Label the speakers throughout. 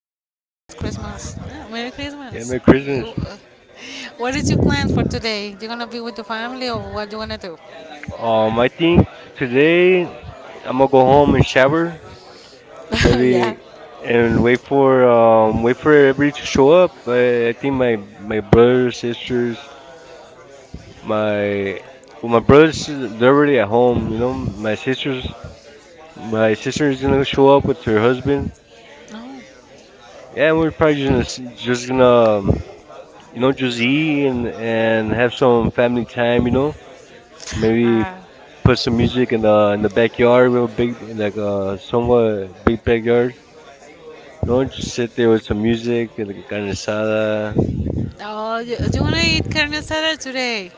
Speaker 1: Christmas. Yeah, Merry Christmas.
Speaker 2: Yeah, Merry Christmas.
Speaker 1: Uh, What did you plan for today? You gonna be with the family or what you wanna do?
Speaker 2: I think today I'm gonna go home and shower, maybe,
Speaker 1: Yeah.
Speaker 2: and wait for everybody to show up. I think my brothers, sisters, my well, my brothers they're already at home. You know, my sisters, my sister is gonna show up with her husband.
Speaker 1: No.
Speaker 2: Yeah, we're probably just gonna just gonna just eat and have some family time. You know, maybe
Speaker 1: Uh,
Speaker 2: put some music in the backyard. We a big, like a somewhat big backyard. You know, just sit there with some music and like a carne asada.
Speaker 1: oh, you wanna eat carne asada today?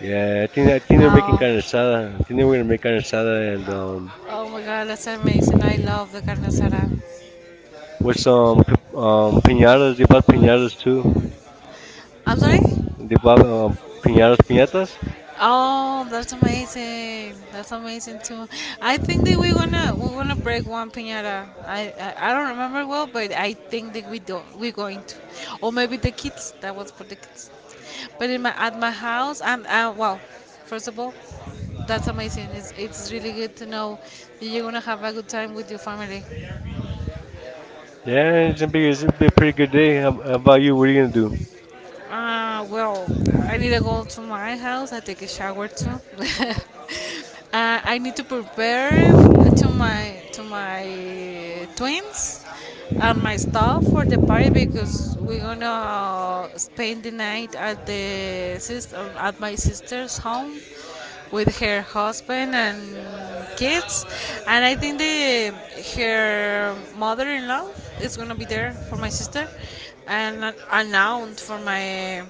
Speaker 2: Yeah, I think they're making
Speaker 1: Oh,
Speaker 2: carne asada. I think they were gonna make carne asada and
Speaker 1: oh my God, that's amazing! I love the carne asada.
Speaker 2: with some piñatas. They bought piñatas too.
Speaker 1: I'm sorry.
Speaker 2: They bought piñatas.
Speaker 1: Oh, that's amazing. That's amazing too. I think that we're gonna break one piñata. I don't remember well, but I think that we do we're going to, or maybe the kids. That was for the kids. But in my at my house, and well, first of all, that's amazing. It's really good to know that you're gonna have a good time with your family.
Speaker 2: Yeah, it's gonna be a pretty good day. How about you? What are you gonna do?
Speaker 1: Well, I need to go to my house. I take a shower too. uh, I need to prepare to my twins and my stuff for the party because we're gonna spend the night at the sister at my sister's home with her husband and kids, and I think the her mother-in-law is gonna be there for my sister, and an aunt for my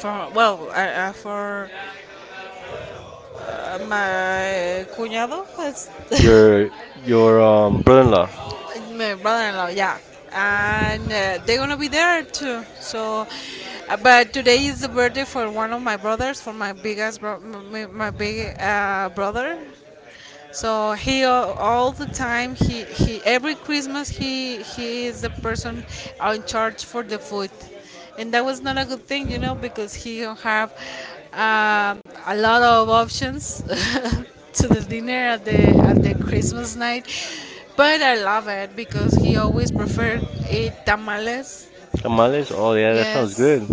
Speaker 1: for well for my cuñado. It's
Speaker 2: Your your brother-in-law.
Speaker 1: my brother-in-law, yeah, and they're gonna be there too. So, but today is the birthday for one of my brothers, for my biggest, my, my big brother. So he all the time he every Christmas he is the person in charge for the food and that was not a good thing, you know, because he don't have a lot of options to the dinner at the Christmas night. But I love it because he always preferred eat tamales.
Speaker 2: Tamales? Oh, yeah, that sounds
Speaker 1: Yes.
Speaker 2: good.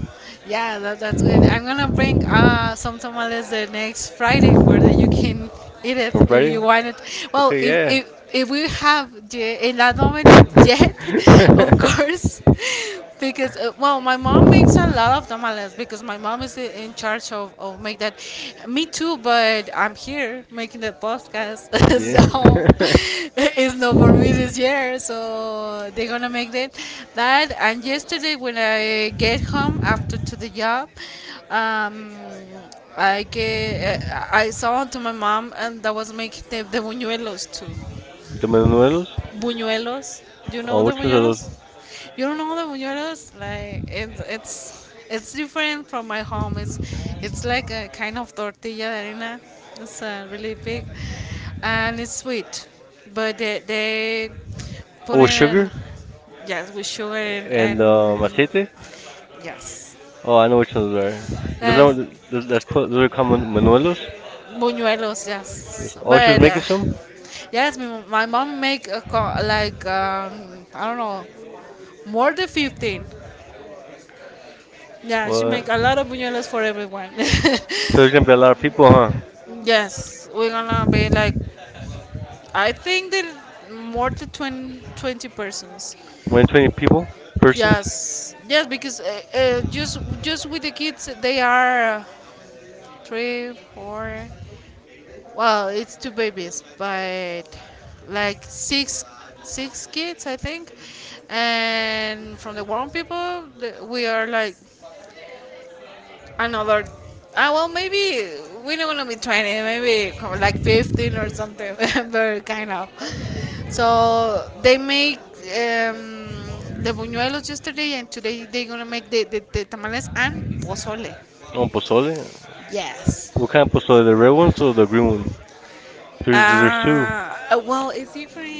Speaker 1: Yeah, that's good. I'm gonna bring some tamales the next Friday for that you can eat it
Speaker 2: From
Speaker 1: if
Speaker 2: Freddy?
Speaker 1: you want it. Well,
Speaker 2: Okay,
Speaker 1: if
Speaker 2: yeah.
Speaker 1: if, if we have the, in that moment yet, of course, because well, my mom makes a lot of tamales because my mom is in charge of make that. Me too, but I'm here making the podcast,
Speaker 2: Yeah.
Speaker 1: so it's not for me this year. So they're gonna make that. That and yesterday when I get home after to the job, um, I get I saw to my mom and that was making the buñuelos too.
Speaker 2: The manuelos?
Speaker 1: Buñuelos. You know
Speaker 2: Oh,
Speaker 1: the
Speaker 2: which ones are those?
Speaker 1: buñuelos? You don't know the buñuelos? Like it's different from my home. It's like a kind of tortilla de harina. It's really big, and it's sweet, but they put
Speaker 2: Oh, with
Speaker 1: in a,
Speaker 2: sugar
Speaker 1: yes with sugar
Speaker 2: and
Speaker 1: and
Speaker 2: aceite?
Speaker 1: yes,
Speaker 2: Oh, I know which ones are. Those
Speaker 1: uh,
Speaker 2: are those, that's called, those are called manuelos.
Speaker 1: buñuelos yes,
Speaker 2: Oh, she was
Speaker 1: but.
Speaker 2: making some.
Speaker 1: Yes, my mom make a, like I don't know, more than 15. Yeah, she
Speaker 2: What?
Speaker 1: make a lot of buñuelos for everyone.
Speaker 2: So there's gonna be a lot of people, huh?
Speaker 1: Yes, we're gonna be like, I think that more than 20, 20 persons.
Speaker 2: More than 20 people, persons.
Speaker 1: Yes, yes, because just with the kids, they are three, four. Well, it's two babies, but like six six kids, I think. And from the grown people, the- we are like another, ah well maybe we don't want to be 20 maybe like 15 or something very kind of, so they make the buñuelos yesterday and today they're gonna make the tamales and pozole.
Speaker 2: On pozole.
Speaker 1: Yes.
Speaker 2: What kind of pozole? The red ones or the green one? There's
Speaker 1: uh,
Speaker 2: two.
Speaker 1: well it's different,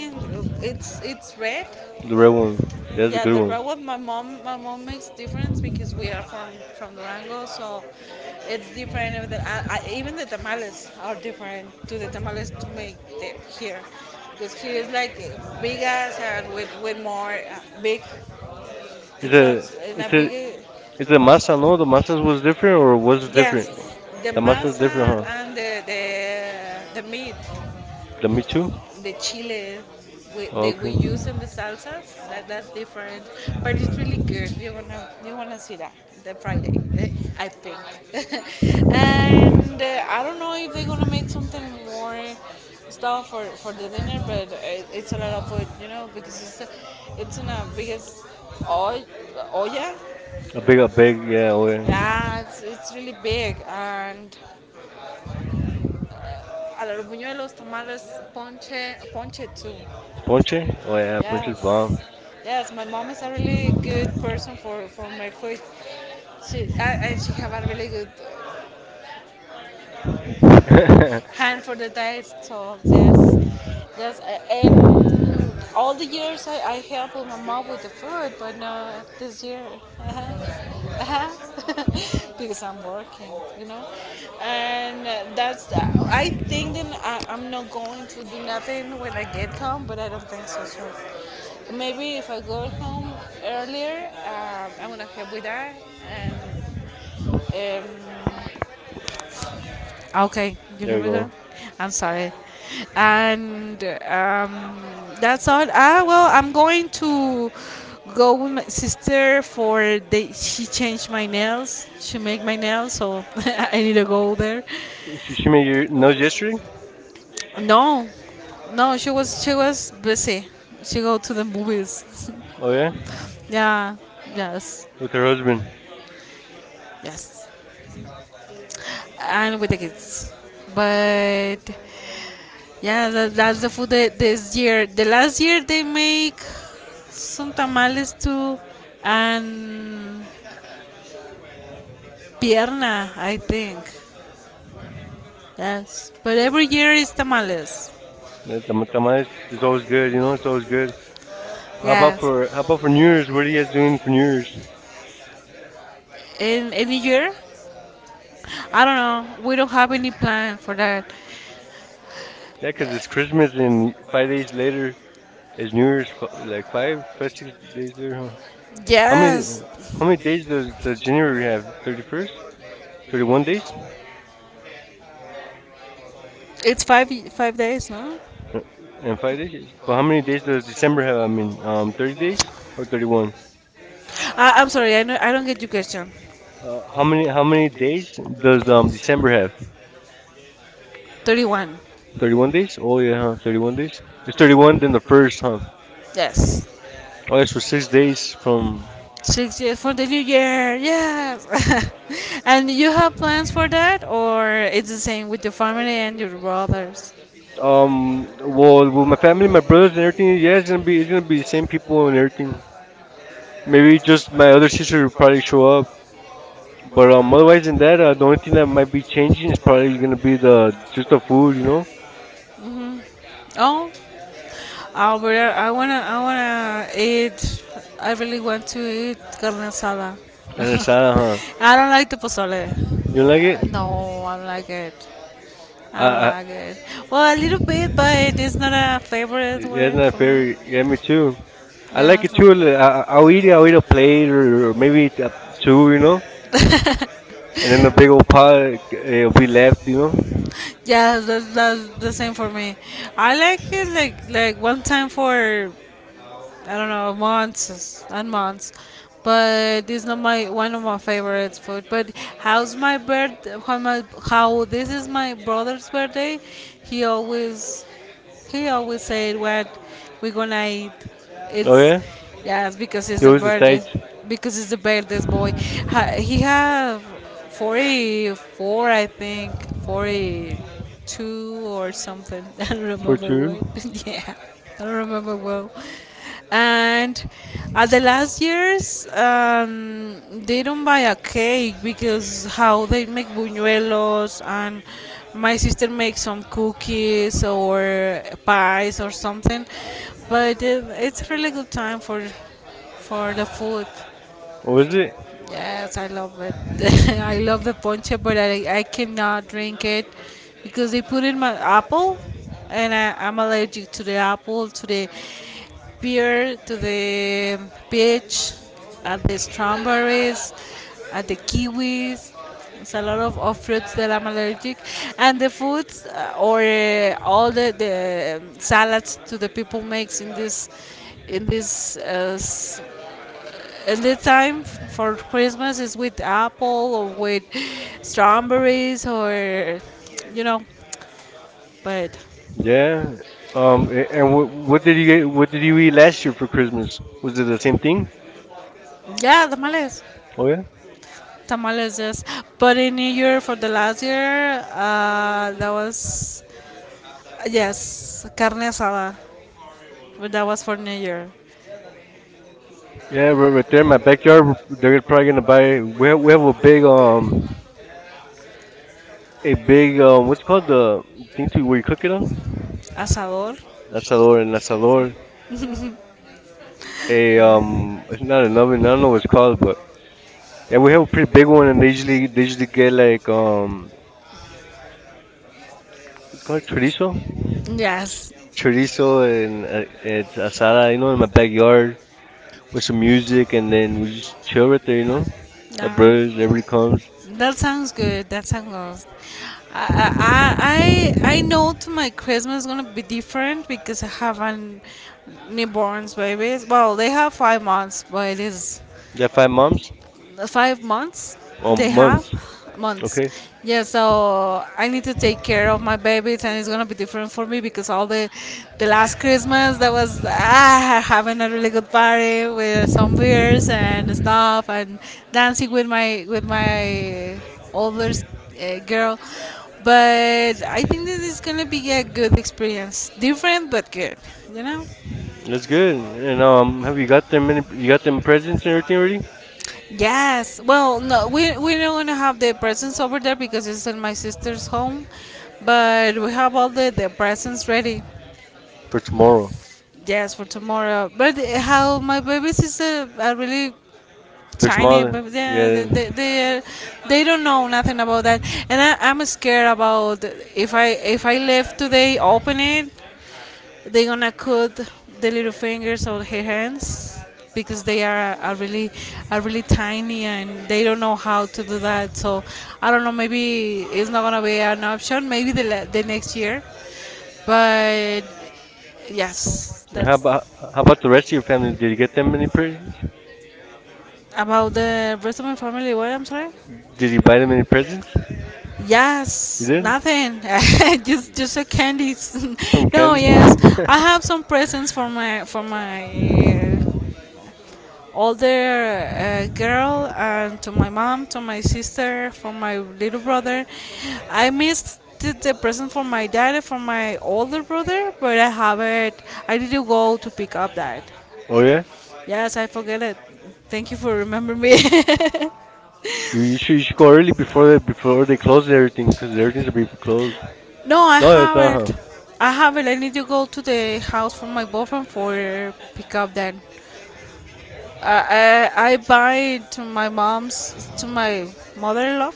Speaker 1: it's red.
Speaker 2: The red one. That's a
Speaker 1: Yeah,
Speaker 2: good
Speaker 1: the
Speaker 2: one.
Speaker 1: bread what my mom makes difference because we are from Durango, so it's different. With the, even the tamales are different to the tamales to make the, here, because here is like big ass and with more big.
Speaker 2: Is
Speaker 1: It's a
Speaker 2: a
Speaker 1: in a
Speaker 2: it's a
Speaker 1: bigger
Speaker 2: is the masa, no? The masas was different or was
Speaker 1: it?
Speaker 2: different?
Speaker 1: Yes, the
Speaker 2: The masa's
Speaker 1: masa
Speaker 2: different, huh?
Speaker 1: and the meat,
Speaker 2: The me too.
Speaker 1: the chile we, that
Speaker 2: Okay.
Speaker 1: we use in the salsas that, that's different, but it's really good. You wanna you wanna see that the Friday eh, I think. And I don't know if they're gonna make something more stuff for the dinner but it, it's a lot of food, you know, because it's a, it's in a biggest oy, olla.
Speaker 2: A big yeah. Oh yeah.
Speaker 1: Yeah it's really big and a lot of buñuelos tamales ponche ponche too.
Speaker 2: Ponche. Oh yeah. Ponche's bomb.
Speaker 1: Yes, yes. My mom is a really good person for my food. She I, and she have a really good
Speaker 2: There
Speaker 1: hand for the diet so yes, yes and all the years I help my mom with the food but no this year. Uh-huh, uh-huh, because I'm working, you know, and that's the- I think then I'm not going to do nothing when I get home but I don't think so soon, maybe if I go home earlier I'm gonna help with that and um, okay, you hear
Speaker 2: you
Speaker 1: me, girl?
Speaker 2: go.
Speaker 1: I'm sorry. And that's all. Ah, well, I'm going to go with my sister for the. She changed my nails. She make my nails, so I need to go there.
Speaker 2: She made your nose yesterday.
Speaker 1: No, no, she was busy. She go to the movies.
Speaker 2: Oh yeah.
Speaker 1: Yeah, yes,
Speaker 2: With her husband.
Speaker 1: yes, and with the kids. But yeah, that's the food that this year. The last year they make some tamales too and pierna, I think. Yes, but every year is tamales.
Speaker 2: That's The tamales is always good. You know it's always good. How about
Speaker 1: Yes.
Speaker 2: for how about for New Year's? What are you guys doing for New Year's?
Speaker 1: In any year? I don't know. We don't have any plan for that.
Speaker 2: Yeah, 'cause it's Christmas and 5 days later is New Year's. Like 6 days later, huh? How many
Speaker 1: Yes,
Speaker 2: how many days does the January have? 31st, 31 days.
Speaker 1: it's 5, 5 days, no?
Speaker 2: Uh, and 5 days. But how many days does December have? I mean, 30 days or 31?
Speaker 1: I'm sorry. I know, I don't get your question.
Speaker 2: How many days does December have?
Speaker 1: 31.
Speaker 2: 31 days. Oh yeah, huh? 31 days. It's 31 then the first, huh?
Speaker 1: Yes.
Speaker 2: Oh, that's for 6 days from.
Speaker 1: 6 years for the new year, yes. And you have plans for that, or it's the same with your family and your brothers?
Speaker 2: Um. Well, with my family, my brothers, and everything. Yeah, it's gonna be the same people and everything. Maybe just my other sister will probably show up. But otherwise than that, the only thing that might be changing is probably gonna be the just the food,
Speaker 1: Oh, Alberta, I wanna eat. I really want to eat carne asada.
Speaker 2: and the salad, huh?
Speaker 1: I don't like the pozole.
Speaker 2: You like it?
Speaker 1: No, I don't like it. I don't
Speaker 2: I
Speaker 1: like it. Well, a little bit, but it's not a favorite
Speaker 2: yeah, it's
Speaker 1: one
Speaker 2: not
Speaker 1: for me.
Speaker 2: fair. Yeah, me too. I
Speaker 1: Yeah,
Speaker 2: like it
Speaker 1: so.
Speaker 2: too. I'll eat it. I'll eat a plate or maybe two, you know, and then the big old pot it'll be left.
Speaker 1: Yeah, that's the same for me. I like it like one time for I don't know, months and months. But this is not my one of my favorite food. But how's my birth? How, my, how this is my brother's birthday? He always he always said what we're gonna eat.
Speaker 2: Oh yeah,
Speaker 1: It's yes because it's
Speaker 2: he
Speaker 1: the
Speaker 2: always
Speaker 1: birthday,
Speaker 2: decides
Speaker 1: because it's the birthday's boy. He have 44, I think, 42 or something. I don't
Speaker 2: for
Speaker 1: remember
Speaker 2: two.
Speaker 1: what. Yeah, I don't remember well. And at the last years, they don't buy a cake because how they make buñuelos and my sister makes some cookies or pies or something. But it's really good time for the food.
Speaker 2: Or is it?
Speaker 1: Yes, I love it. I love the ponche, but I cannot drink it because they put in my apple, and I'm allergic to the apple, to the pear, to the peach, at the strawberries, at the kiwis. It's a lot of fruits that I'm allergic, and the foods or all the salads to the people makes in this and the time for Christmas is with apple or with strawberries or you know. But
Speaker 2: Yeah. And what did you get? What did you eat last year for Christmas? Was it the same thing?
Speaker 1: yeah, tamales,
Speaker 2: Oh yeah?
Speaker 1: tamales, yes. But in New Year for the last year, that was yes, carne asada. But that was for New Year,
Speaker 2: Yeah, right there in my backyard, they're probably gonna buy. We have a big what's it called, the thing to where you cook it on?
Speaker 1: asador.
Speaker 2: Asador, an asador. A It's not an oven. I don't know what it's called, but yeah, we have a pretty big one, and they usually get like what's it called, chorizo,
Speaker 1: Yes.
Speaker 2: and it's asada. You know, in my backyard with some music, and then we just chill right there. You know, my
Speaker 1: Yeah.
Speaker 2: brothers, everybody comes.
Speaker 1: That sounds good. That sounds good. I know to my Christmas is gonna be different because I have an newborns babies. Well, they have 5 months, but it is
Speaker 2: Yeah, five moms,
Speaker 1: 5 months they have
Speaker 2: months.
Speaker 1: months.
Speaker 2: Okay.
Speaker 1: Yeah, so I need to take care of my babies and it's gonna be different for me because all the last Christmas that was ah, having a really good party with some beers and stuff and dancing with my older girl, but I think this is gonna be a good experience different but good, you know.
Speaker 2: That's good. And have you got them any? You got them presents and everything ready
Speaker 1: Yes. Well, no, we don't wanna have the presents over there because it's in my sister's home, but we have all the presents ready.
Speaker 2: for tomorrow?
Speaker 1: Yes, for tomorrow. But how my babies is a really
Speaker 2: They're
Speaker 1: tiny,
Speaker 2: smaller.
Speaker 1: but they they
Speaker 2: Yeah.
Speaker 1: they, they they don't know nothing about that, and I'm scared about if I leave today, open it, they're gonna cut the little fingers of her hands because they are really tiny and they don't know how to do that. So I don't know. Maybe it's not gonna be an option. Maybe the the next year, but yes,
Speaker 2: And How
Speaker 1: that's
Speaker 2: about how about the rest of your family? Did you get them any presents?
Speaker 1: about the rest of my family. What I'm sorry.
Speaker 2: Did you buy them any presents? You
Speaker 1: Yes, really?
Speaker 2: did?
Speaker 1: Nothing. Just a candies.
Speaker 2: Some
Speaker 1: No,
Speaker 2: candy?
Speaker 1: yes, I have some presents for my older girl and to my mom, to my sister, for my little brother. I missed the present for my dad and for my older brother, but I haven't. I didn't go to pick up that.
Speaker 2: Oh yeah.
Speaker 1: Yes, I forget it. Thank you for remembering me.
Speaker 2: You should go early before they close everything because everything's gonna be closed.
Speaker 1: No, I
Speaker 2: No, it's not. Huh?
Speaker 1: haven't. I haven't. I need to go to the house for my boyfriend for pick up that. I buy to my mom's to my mother-in-law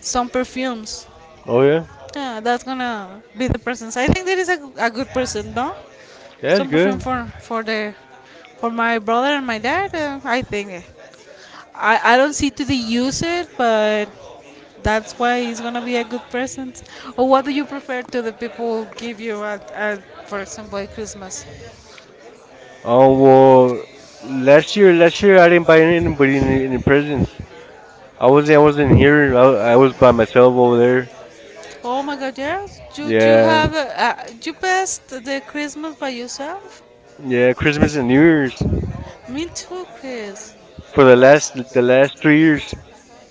Speaker 1: some perfumes.
Speaker 2: Oh yeah.
Speaker 1: Yeah, that's gonna be the presents. I think that is a, a good present, no?
Speaker 2: That's
Speaker 1: Some perfume
Speaker 2: good.
Speaker 1: for the for my brother and my dad. I think I don't see to the use it, but that's why it's gonna be a good present. Or what do you prefer to the people give you at for example at Christmas?
Speaker 2: Oh, well, last year I didn't buy anybody any presents. I wasn't here. I was by myself over there.
Speaker 1: Oh my God, yes, you
Speaker 2: Yeah,
Speaker 1: have you passed the Christmas by yourself.
Speaker 2: yeah, Christmas and New Year's
Speaker 1: Me too, Chris.
Speaker 2: for the last 3 years.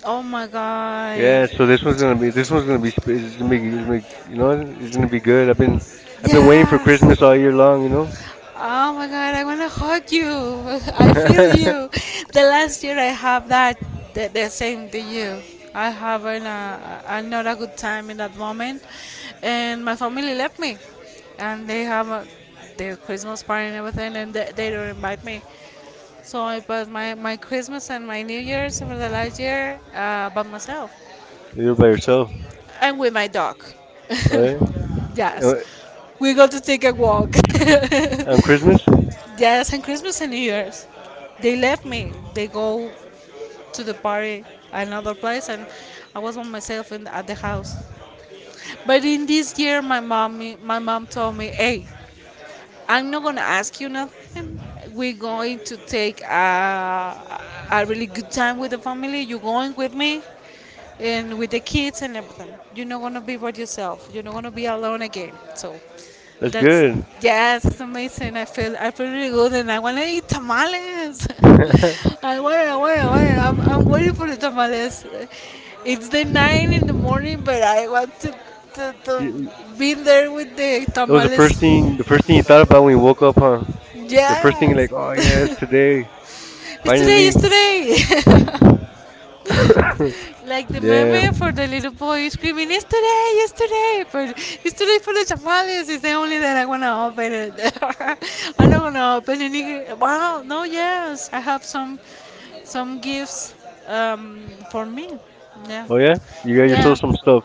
Speaker 1: Oh my God,
Speaker 2: Yeah, so this one's gonna be it's gonna be good. I've been waiting for
Speaker 1: yes.
Speaker 2: Christmas all year long.
Speaker 1: Oh my god, I wanna hug you. I feel you. The last year I have that the same to you. I have a not a good time in that moment, and my family left me, and they have their Christmas party and everything, and they don't invite me. So I passed my Christmas and my New Year's for the last year by myself
Speaker 2: You're by yourself.
Speaker 1: and with my dog.
Speaker 2: Oh yeah,
Speaker 1: Yes,
Speaker 2: Uh,
Speaker 1: we got to take a walk.
Speaker 2: on Christmas.
Speaker 1: Yes, and Christmas and New Year's. They left me. They go to the party another place, and I was by myself at the house. But in this year, my mom told me, "Hey, I'm not gonna ask you nothing. We're going to take a really good time with the family. You're going with me and with the kids and everything. You're not gonna be by yourself. You're not gonna be alone again. So
Speaker 2: That's
Speaker 1: that's
Speaker 2: good.
Speaker 1: yes, it's amazing. I feel really good and I wanna eat tamales. I want I'm waiting for the tamales. It's the nine in the morning but I want to
Speaker 2: You- you-
Speaker 1: be there with the
Speaker 2: that was the first
Speaker 1: tamales.
Speaker 2: thing the first thing you thought about when you woke up, huh? The first thing,
Speaker 1: Yes.
Speaker 2: like, oh yeah, it's today
Speaker 1: Yesterday,
Speaker 2: finally.
Speaker 1: yesterday. Like the
Speaker 2: Yeah.
Speaker 1: meme for the little boy screaming, yesterday, yesterday. But yesterday for the tamales is the only that I want to open it. I don't want to open any. Wow, no, yes. I have some gifts for me. Yeah.
Speaker 2: Oh yeah, you got yourself
Speaker 1: Yeah.
Speaker 2: some stuff.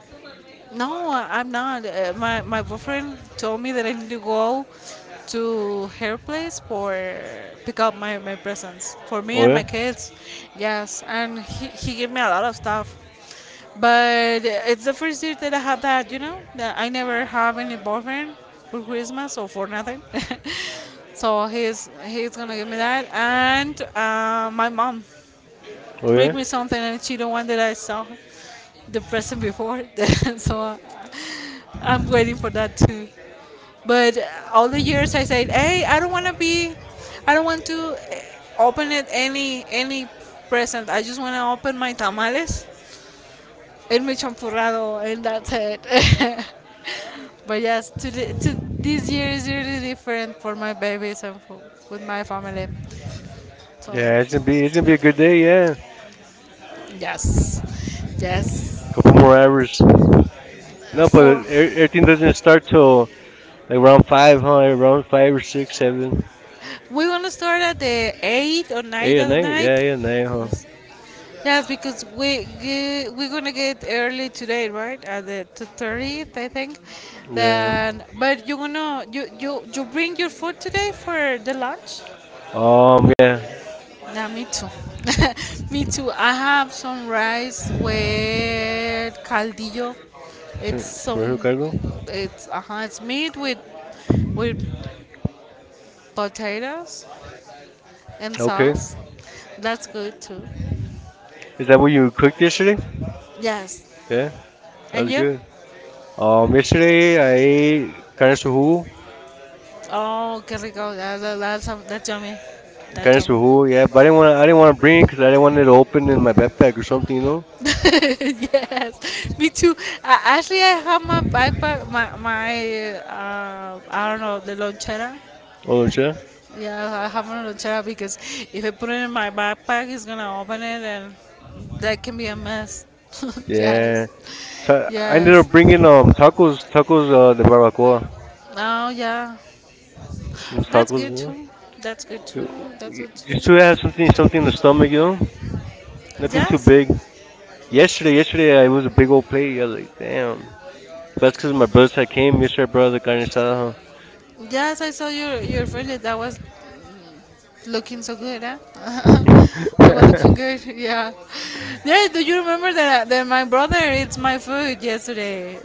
Speaker 1: No, I'm not. My boyfriend told me that I need to go to her place for pick up my presents for me
Speaker 2: Oh
Speaker 1: and
Speaker 2: yeah.
Speaker 1: my kids. Yes, and he gave me a lot of stuff. But it's the first year that I have that, you know, that I never have any boyfriend for Christmas or for nothing. So he's gonna give me that, and my mom
Speaker 2: Oh
Speaker 1: bring
Speaker 2: yeah,
Speaker 1: me something and she the one that I saw the person before. So I'm waiting for that too. But all the years I said, hey, I don't want to be, I don't want to open it any present. I just want to open my tamales and my champurrado and that's it. But yes, to, the, to this year is really different for my babies and for, with my family. So
Speaker 2: yeah. It's gonna be a good day. Yeah,
Speaker 1: yes, yes,
Speaker 2: couple more hours. No, but
Speaker 1: for
Speaker 2: everything doesn't start till like around five, huh? Around five or six, seven,
Speaker 1: we're gonna start at the eight or nine
Speaker 2: eight at
Speaker 1: at
Speaker 2: night. Yeah,
Speaker 1: night.
Speaker 2: eight at night, huh?
Speaker 1: Yes, because we're gonna get early today, right? At the 30th, I think.
Speaker 2: Yeah.
Speaker 1: Then, but you bring your food today for the lunch?
Speaker 2: Yeah.
Speaker 1: Nah, me too. Me too. I have some rice with caldillo. It's
Speaker 2: So- so
Speaker 1: some
Speaker 2: cargo.
Speaker 1: it's meat with potatoes and
Speaker 2: Okay.
Speaker 1: sauce. That's good too.
Speaker 2: Is that what you cooked yesterday?
Speaker 1: Yes.
Speaker 2: Yeah, that
Speaker 1: And
Speaker 2: was
Speaker 1: you?
Speaker 2: good. Yesterday I ate
Speaker 1: Oh, qué rico. That's yummy. That's
Speaker 2: carne
Speaker 1: yummy.
Speaker 2: suhu. Yeah, but I didn't want to. I didn't want to bring because I didn't want it open in my backpack or something.
Speaker 1: Yes, me too. I, actually, I have my backpack, my I don't know the lonchera.
Speaker 2: Oh, yeah.
Speaker 1: Yeah, I have my lonchera because if I put it in my backpack, it's gonna open it, and that can be a mess.
Speaker 2: Yeah.
Speaker 1: Yes,
Speaker 2: So I ended
Speaker 1: yes.
Speaker 2: up bringing tacos, the barbacoa,
Speaker 1: Oh yeah,
Speaker 2: those
Speaker 1: that's
Speaker 2: tacos, you
Speaker 1: good
Speaker 2: know,
Speaker 1: too. That's good too. That's good
Speaker 2: Just
Speaker 1: too.
Speaker 2: to have something in the stomach,
Speaker 1: Yeah?
Speaker 2: nothing too
Speaker 1: Yes,
Speaker 2: big. Yesterday, it was a big old plate. I was like, damn. That's because my brother side came yesterday, bro. The carne asada, huh?
Speaker 1: yes, I saw your friend that was looking so good, huh? That was looking good. yeah. Yeah, do you remember that that my brother eats my food yesterday?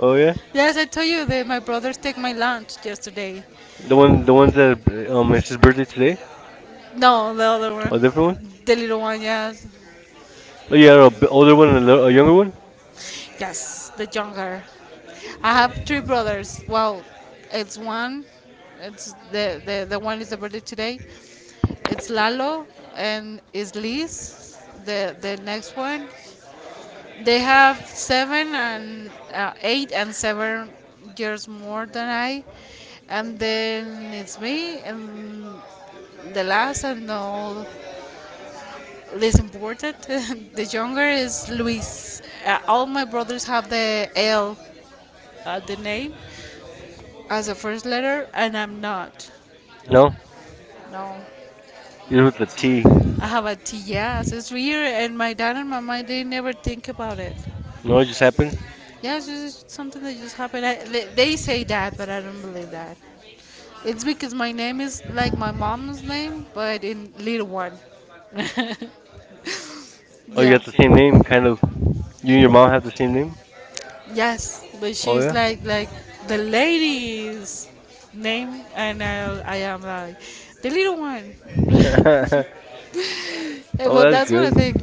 Speaker 2: Oh yeah,
Speaker 1: Yes, I told you that my brothers take my lunch yesterday.
Speaker 2: the one, the ones that it's his birthday today.
Speaker 1: No, the other
Speaker 2: A
Speaker 1: one,
Speaker 2: different one?
Speaker 1: the little one, yeah.
Speaker 2: Oh yeah, a older one and a, little, a younger one.
Speaker 1: Yes, the younger. I have three brothers. Well, it's one. It's the one is the birthday today. It's Lalo and is Liz. The next one. They have seven and 8 and 7 years more than I, and then it's me and the last and all is important. The younger is Luis. All my brothers have the L the name as a first letter, and I'm not.
Speaker 2: No,
Speaker 1: No.
Speaker 2: you're with the T.
Speaker 1: I have a T, yes. It's weird, and my dad and my mom, they never think about it.
Speaker 2: No, it just happened.
Speaker 1: Yeah, it's just something that just happened. They say that, but I don't believe that. It's because my name is like my mom's name, but in little one.
Speaker 2: Oh, you
Speaker 1: Yeah.
Speaker 2: got the same name, kind of. You and your mom have the same name.
Speaker 1: Yes, but
Speaker 2: Oh
Speaker 1: she's
Speaker 2: yeah.
Speaker 1: like the lady's name, and I am like the little one. Eh,
Speaker 2: Oh,
Speaker 1: well,
Speaker 2: that's
Speaker 1: that's what I
Speaker 2: good.
Speaker 1: think.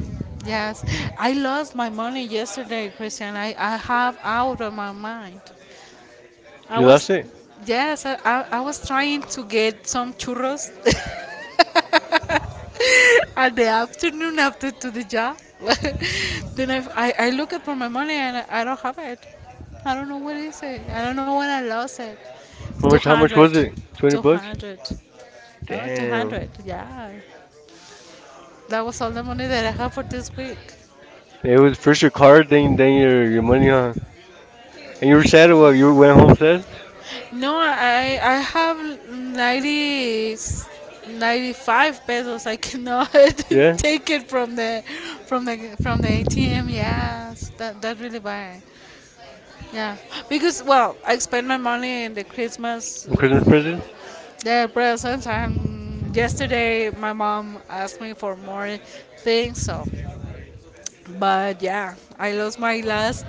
Speaker 1: Yes, I lost my money yesterday, Christian. I have out of my mind. I
Speaker 2: You
Speaker 1: was
Speaker 2: lost it?
Speaker 1: yes, I was trying to get some churros at the afternoon after to the job. Then I look at for my money and I don't have it. I don't know what is it. I don't know when I lost it.
Speaker 2: How much? How much
Speaker 1: 200.
Speaker 2: was it? $20?
Speaker 1: 200. No, 200.
Speaker 2: Damn.
Speaker 1: Yeah. That was all the money that I have for this week.
Speaker 2: It was first your card, then your money, huh? And you were sad or what? You went home sad?
Speaker 1: No, I have 90 95 pesos. I cannot
Speaker 2: Yeah.
Speaker 1: take it from the from the from the ATM. Yes, that that really bad. Yeah, because well, I spend my money in the Christmas
Speaker 2: On Christmas presents?
Speaker 1: yeah, presents, and yesterday my mom asked me for more things. So, but yeah, I lost my last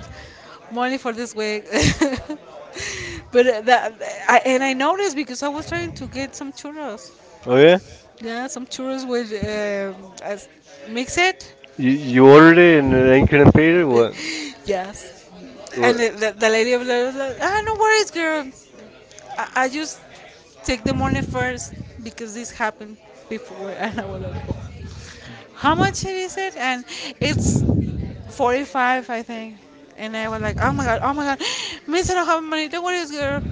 Speaker 1: money for this week. But that I, and I noticed because I was trying to get some churros.
Speaker 2: Oh yeah.
Speaker 1: Yeah, some churros with as mix it.
Speaker 2: You ordered it and then you couldn't pay it. What?
Speaker 1: Yes, and
Speaker 2: What?
Speaker 1: the lady was like, "Ah, no worries, girl. I just take the money first because this happened before." And I was like, oh, how much it is it? And it's 45, I think. And I was like, oh my god, miss, I don't have money. Don't worry, girl.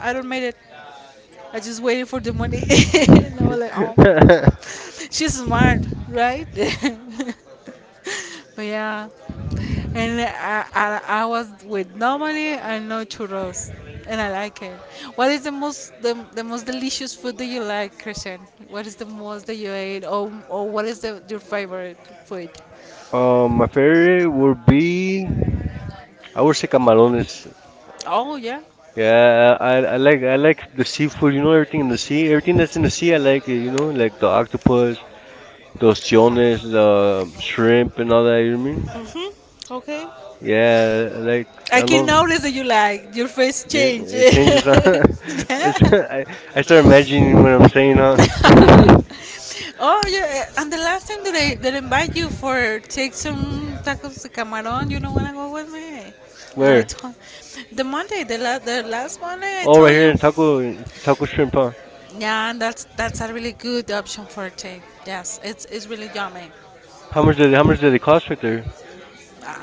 Speaker 1: I don't made it. I just waited for the money. And I was like, oh, she's smart, right? But yeah, and I was with no money and no churros, and I like it. What is the most the most delicious food that you like, Christian? What is the most that you ate, or what is the, your favorite food?
Speaker 2: My favorite would be, I would say, camarones.
Speaker 1: Oh yeah,
Speaker 2: Yeah, I like the seafood. You know, everything in the sea. Everything that's in the sea, I like it. You know, like the octopus, the ostiones, the shrimp, and all that. You know what I mean?
Speaker 1: okay.
Speaker 2: Yeah, like
Speaker 1: I
Speaker 2: I
Speaker 1: can
Speaker 2: love.
Speaker 1: notice that you like your face
Speaker 2: Yeah,
Speaker 1: change.
Speaker 2: it changes. it's,
Speaker 1: Yeah.
Speaker 2: I I start imagining what I'm saying. Huh?
Speaker 1: Oh yeah, eh, and the last time that I invite you for take some tacos de camarón, you don't wanna go with me. And I
Speaker 2: Where?
Speaker 1: told the Monday, the last Monday, I
Speaker 2: Oh, right
Speaker 1: told
Speaker 2: here
Speaker 1: you.
Speaker 2: in taco shrimp. Huh?
Speaker 1: Yeah, and that's a really good option for take. Yes, it's really yummy.
Speaker 2: How much did they cost right there?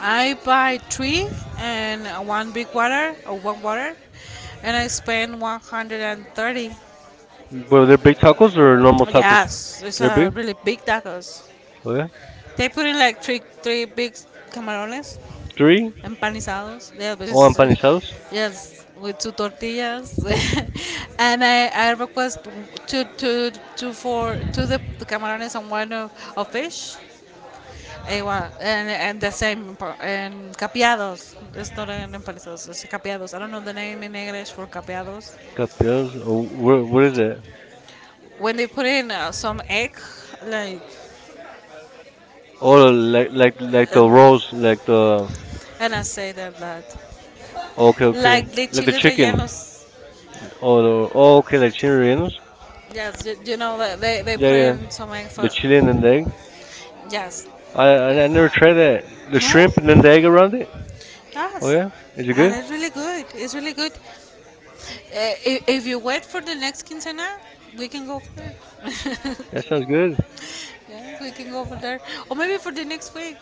Speaker 1: I buy three and one big water or one water, and I spend 130.
Speaker 2: But they're big tacos or normal tacos?
Speaker 1: Yes, it's
Speaker 2: They're
Speaker 1: a
Speaker 2: big.
Speaker 1: really big tacos.
Speaker 2: Oh yeah.
Speaker 1: They put in like three big camarones
Speaker 2: Three.
Speaker 1: empanizados. Yeah, but
Speaker 2: Oh,
Speaker 1: it's-
Speaker 2: empanizados.
Speaker 1: yes, with two tortillas. And I request two for two the camarones and one of fish. Eh, well, and and capeados. It's not an empanizados. It's capeados. I don't know the name in English for capeados.
Speaker 2: Capias. Oh, what is it?
Speaker 1: When they put in some egg, like
Speaker 2: Oh, like
Speaker 1: and,
Speaker 2: the rolls, like the.
Speaker 1: and I say that that
Speaker 2: Oh, okay,
Speaker 1: like
Speaker 2: okay.
Speaker 1: the
Speaker 2: Like the
Speaker 1: chili
Speaker 2: chicken.
Speaker 1: rellenos.
Speaker 2: Oh, okay, like chicken rellenos.
Speaker 1: Yes, you know they
Speaker 2: Yeah,
Speaker 1: put
Speaker 2: yeah.
Speaker 1: in some egg
Speaker 2: The
Speaker 1: for
Speaker 2: chicken and the egg.
Speaker 1: yes
Speaker 2: I never tried that. The
Speaker 1: no,
Speaker 2: shrimp and then the egg around it. Oh
Speaker 1: yes.
Speaker 2: yeah, is it
Speaker 1: And
Speaker 2: good?
Speaker 1: it's really good. It's really good. If you wait for the next quinceañera, we can go for there.
Speaker 2: That sounds good
Speaker 1: Yeah, we can go for there. Or maybe for the next week.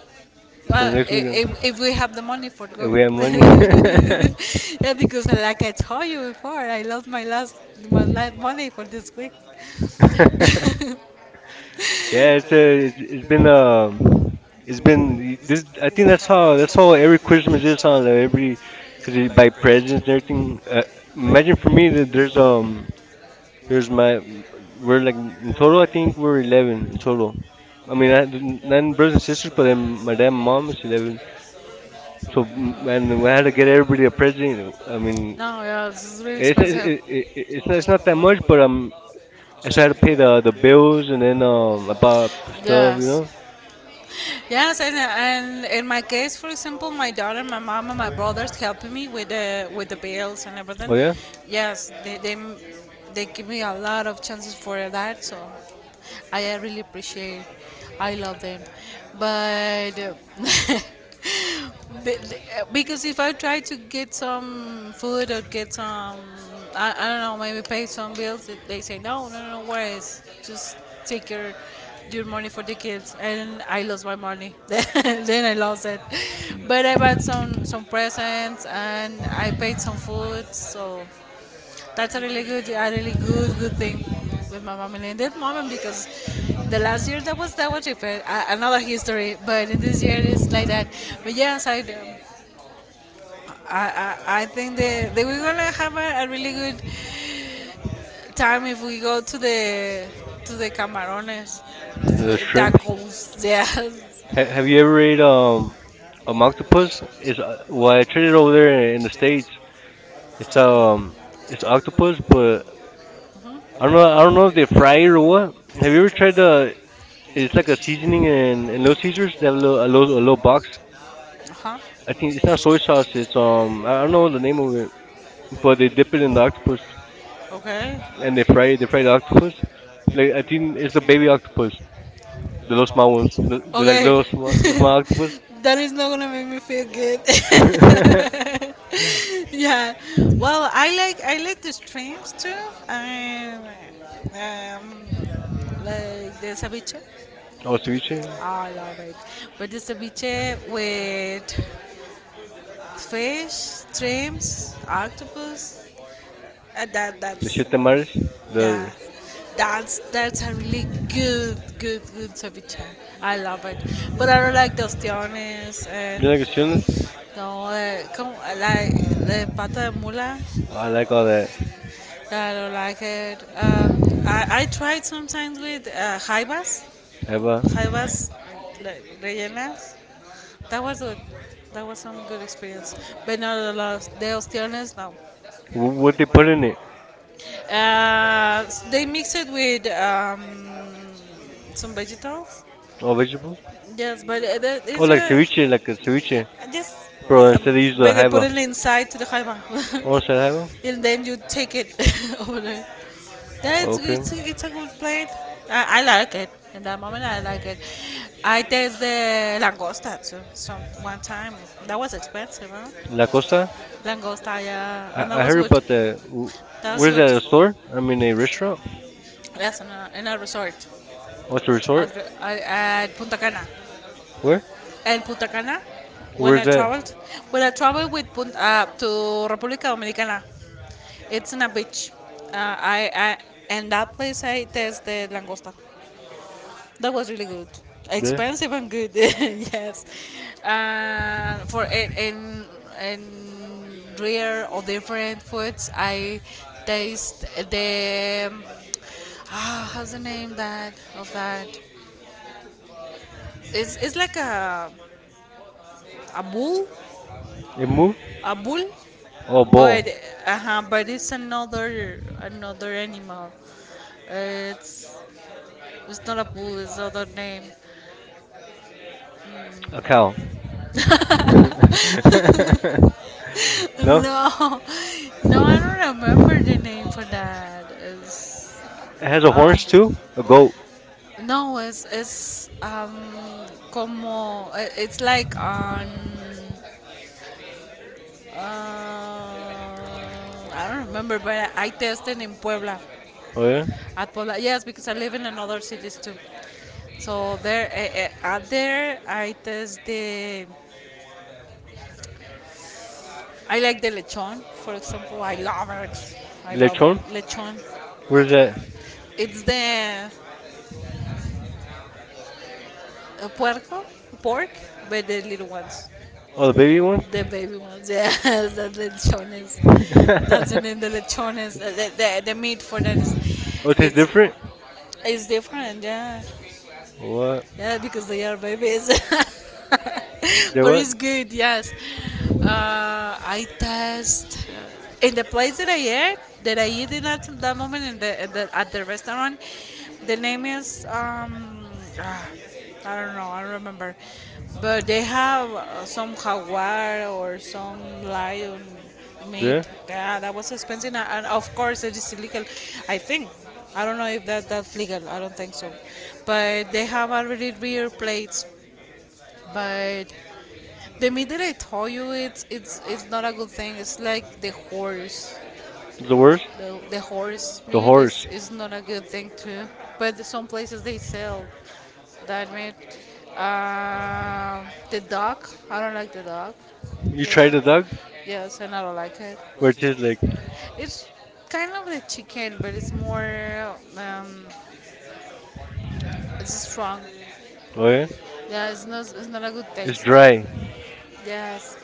Speaker 2: for
Speaker 1: Well,
Speaker 2: next weekend
Speaker 1: if we have the money for
Speaker 2: if
Speaker 1: go.
Speaker 2: we have money.
Speaker 1: Yeah, because like I told you before, I lost my last money for this week.
Speaker 2: Yeah, it's, it's been um, it's been this. I think that's how every Christmas is, on like, every, because you buy presents and everything. Imagine for me that there's my we're like, in total I think we're 11 in total. I mean, I nine brothers and sisters, but then my dad and mom is 11. So and we had to get everybody a present. I mean,
Speaker 1: No, yeah, it's really
Speaker 2: it's it,
Speaker 1: expensive.
Speaker 2: it, it, it's not that much, but I just had to pay the bills and then I bought stuff, you
Speaker 1: Yes.
Speaker 2: know.
Speaker 1: Yes, and in my case, for example, my daughter, my mom, and my brothers helping me with the bills and everything.
Speaker 2: Oh yeah,
Speaker 1: Yes, they give me a lot of chances for that, so I really appreciate. I love them, but because if I try to get some food or get some, I don't know, maybe pay some bills, they say no, no, no, no worries, just take your money for the kids, and I lost my money. Then I lost it, but I bought some presents and I paid some food, so that's a really good, good thing with my mom and in that moment because the last year that was different, another history. But in this year it's like that. But yes, I think that we're gonna have a really good time if we go to the camarones
Speaker 2: the shrimp.
Speaker 1: tacos. Yeah.
Speaker 2: Have you ever ate a octopus? It's well, I tried it over there in the states. It's um, it's octopus, but I don't know. I don't know if they fry it or what. Have you ever tried the? It's like a seasoning in, Little Caesars. They have a little box.
Speaker 1: Uh huh.
Speaker 2: I think it's not soy sauce. It's I don't know the name of it. But they dip it in the octopus
Speaker 1: Okay.
Speaker 2: and they fry it. They fry the octopus. Like, I think it's a baby octopus, the little small ones. They're like
Speaker 1: Okay.
Speaker 2: little small, small octopus.
Speaker 1: That is not gonna make me feel good.
Speaker 2: Oh,
Speaker 1: Yeah. Well, I like the streams too. Um, um, like the ceviche.
Speaker 2: ceviche,
Speaker 1: I love it. But the ceviche with fish, shrimps, octopus. Uh, that
Speaker 2: the
Speaker 1: that's
Speaker 2: shit tamales,
Speaker 1: yeah,
Speaker 2: the
Speaker 1: that's a really good ceviche. I love it, but I don't like the ostiones
Speaker 2: you
Speaker 1: and
Speaker 2: like chitlins.
Speaker 1: no, come, like the pata de mula.
Speaker 2: Oh, I like all that.
Speaker 1: I don't like it. I tried sometimes with jaibas,
Speaker 2: Have a
Speaker 1: jaibas like, rellenas. That was good. That was some good experience, but not the last. The ostiones, no.
Speaker 2: what they put in it?
Speaker 1: They mix it with some vegetables.
Speaker 2: Oh, vegetables.
Speaker 1: Yes, but uh, that
Speaker 2: Oh,
Speaker 1: is
Speaker 2: like
Speaker 1: uh,
Speaker 2: ceviche, like a ceviche.
Speaker 1: just
Speaker 2: Bro,
Speaker 1: um,
Speaker 2: instead they use the
Speaker 1: but they put
Speaker 2: jaiba.
Speaker 1: it inside to the khayma,
Speaker 2: Oh, instead jaiba.
Speaker 1: and then you take it over there. That's
Speaker 2: Okay.
Speaker 1: it's a good plate. I like it. In that moment, I like it. I taste the langosta too. Some one time that was expensive, huh?
Speaker 2: La Costa.
Speaker 1: Langosta, yeah, and
Speaker 2: I,
Speaker 1: that
Speaker 2: I
Speaker 1: was
Speaker 2: heard
Speaker 1: good.
Speaker 2: about the.
Speaker 1: That was
Speaker 2: Where's that a
Speaker 1: good.
Speaker 2: store? I mean a restaurant.
Speaker 1: Yes, in a resort
Speaker 2: Oh, it's a resort.
Speaker 1: at Punta Cana.
Speaker 2: Where?
Speaker 1: And Punta Cana, when
Speaker 2: Where's
Speaker 1: I
Speaker 2: that?
Speaker 1: traveled, when I traveled with Punta, to República Dominicana, it's in a beach. I and that place I tasted langosta. That was really good,
Speaker 2: There.
Speaker 1: expensive and good. Yes, for in rare or different foods, I taste the. Ah, how's the name that of that? It's like a a bull,
Speaker 2: A move
Speaker 1: a bull,
Speaker 2: or ball?
Speaker 1: but but it's another animal. Uh, It's it's not a bull. It's other name.
Speaker 2: A cow. No?
Speaker 1: no, no, I don't remember the name for that. It's,
Speaker 2: It has a horns too? A goat.
Speaker 1: no, it's como I- it's like on uh, I don't remember, but I tested in Puebla.
Speaker 2: Oh yeah?
Speaker 1: At Pola, yes, because I live in another cities too. So there, out there, I test the. I like the lechon, for example. I love it. I love it.
Speaker 2: Lechon?
Speaker 1: Lechon.
Speaker 2: Where's that?
Speaker 1: It's the puerco, pork, but the little ones,
Speaker 2: Oh, the baby one?
Speaker 1: the baby ones. Yes, the lechones. That's the name. The lechones. The meat for that
Speaker 2: Oh, it tastes
Speaker 1: it's,
Speaker 2: different?
Speaker 1: it's different. Yeah.
Speaker 2: What?
Speaker 1: Yeah, because they are babies.
Speaker 2: They
Speaker 1: But
Speaker 2: what?
Speaker 1: it's good, yes. I test in the place that I ate, that I eat in at that moment in the, at the at the restaurant. The name is ah, I don't know, I don't remember, but they have some jaguar or some lion Made.
Speaker 2: Yeah?
Speaker 1: Yeah, that was expensive, and of course it is illegal. I think. I don't know if that's legal. I don't think so. But they have already rear plates. But the meat that I told you, it's not a good thing. It's like the horse.
Speaker 2: It's the worst?
Speaker 1: The horse
Speaker 2: The
Speaker 1: meat
Speaker 2: horse.
Speaker 1: is not a good thing too. But some places they sell that meat. The duck. I don't like the duck.
Speaker 2: You
Speaker 1: Yes,
Speaker 2: tried the dog?
Speaker 1: yes, and I don't like it.
Speaker 2: Where it tastes like,
Speaker 1: It's kind of like chicken, but it's more um, it's strong.
Speaker 2: oh yeah?
Speaker 1: Yeah, it's not a good
Speaker 2: It's
Speaker 1: taste.
Speaker 2: dry.
Speaker 1: Yes.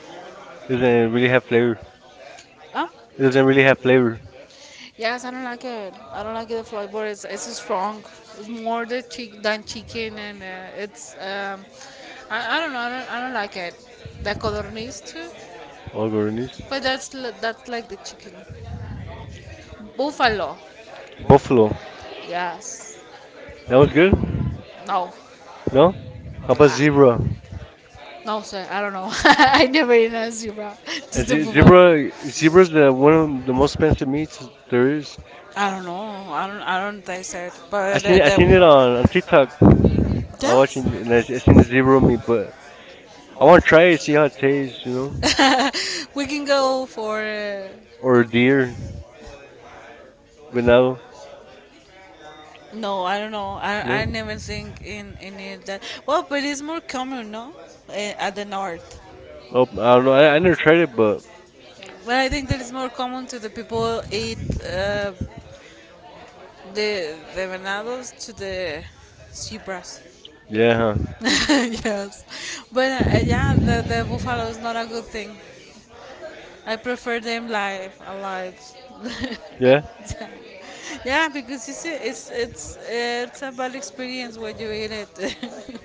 Speaker 2: It doesn't really have flavor.
Speaker 1: Oh,
Speaker 2: It doesn't really have flavor.
Speaker 1: yes, I don't like it. I don't like the flavor. It's strong. It's more the chick than chicken, and I don't know. I don't like it. The codorniz too,
Speaker 2: Oh, Gordonese.
Speaker 1: but that's like the chicken buffalo.
Speaker 2: Buffalo.
Speaker 1: Yes.
Speaker 2: That was good?
Speaker 1: No.
Speaker 2: No? How about zebra?
Speaker 1: No, sir, I don't know. I never eaten a zebra. Just a buffalo.
Speaker 2: Zebra's the one of the most expensive
Speaker 1: Is.
Speaker 2: meats there is.
Speaker 1: I don't know. I don't taste it.
Speaker 2: I
Speaker 1: But
Speaker 2: seen I
Speaker 1: the
Speaker 2: seen it on TikTok. I
Speaker 1: TikToks.
Speaker 2: watching and I seen the zebra meat, but I want to try it, see how it tastes,
Speaker 1: Yes, we can go for.
Speaker 2: or a deer, but now,
Speaker 1: No, I don't know.
Speaker 2: you
Speaker 1: I
Speaker 2: know.
Speaker 1: never think in it that. Well, but it's more common, no, eh, at the north.
Speaker 2: Oh, I don't know. I never tried it, but
Speaker 1: But I think that it's more common to the people eat the venados to the zebras.
Speaker 2: yeah, huh?
Speaker 1: Yes, but yeah, the buffalo is not a good thing. I prefer them live, alive.
Speaker 2: Yeah,
Speaker 1: Yeah, because you see, it's a bad experience when you eat it.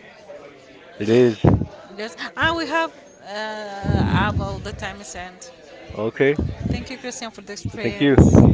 Speaker 2: it is.
Speaker 1: Yes, ah, we have all the time sent.
Speaker 2: Okay,
Speaker 1: Thank you, Christian, for the
Speaker 2: thank you.
Speaker 1: experience.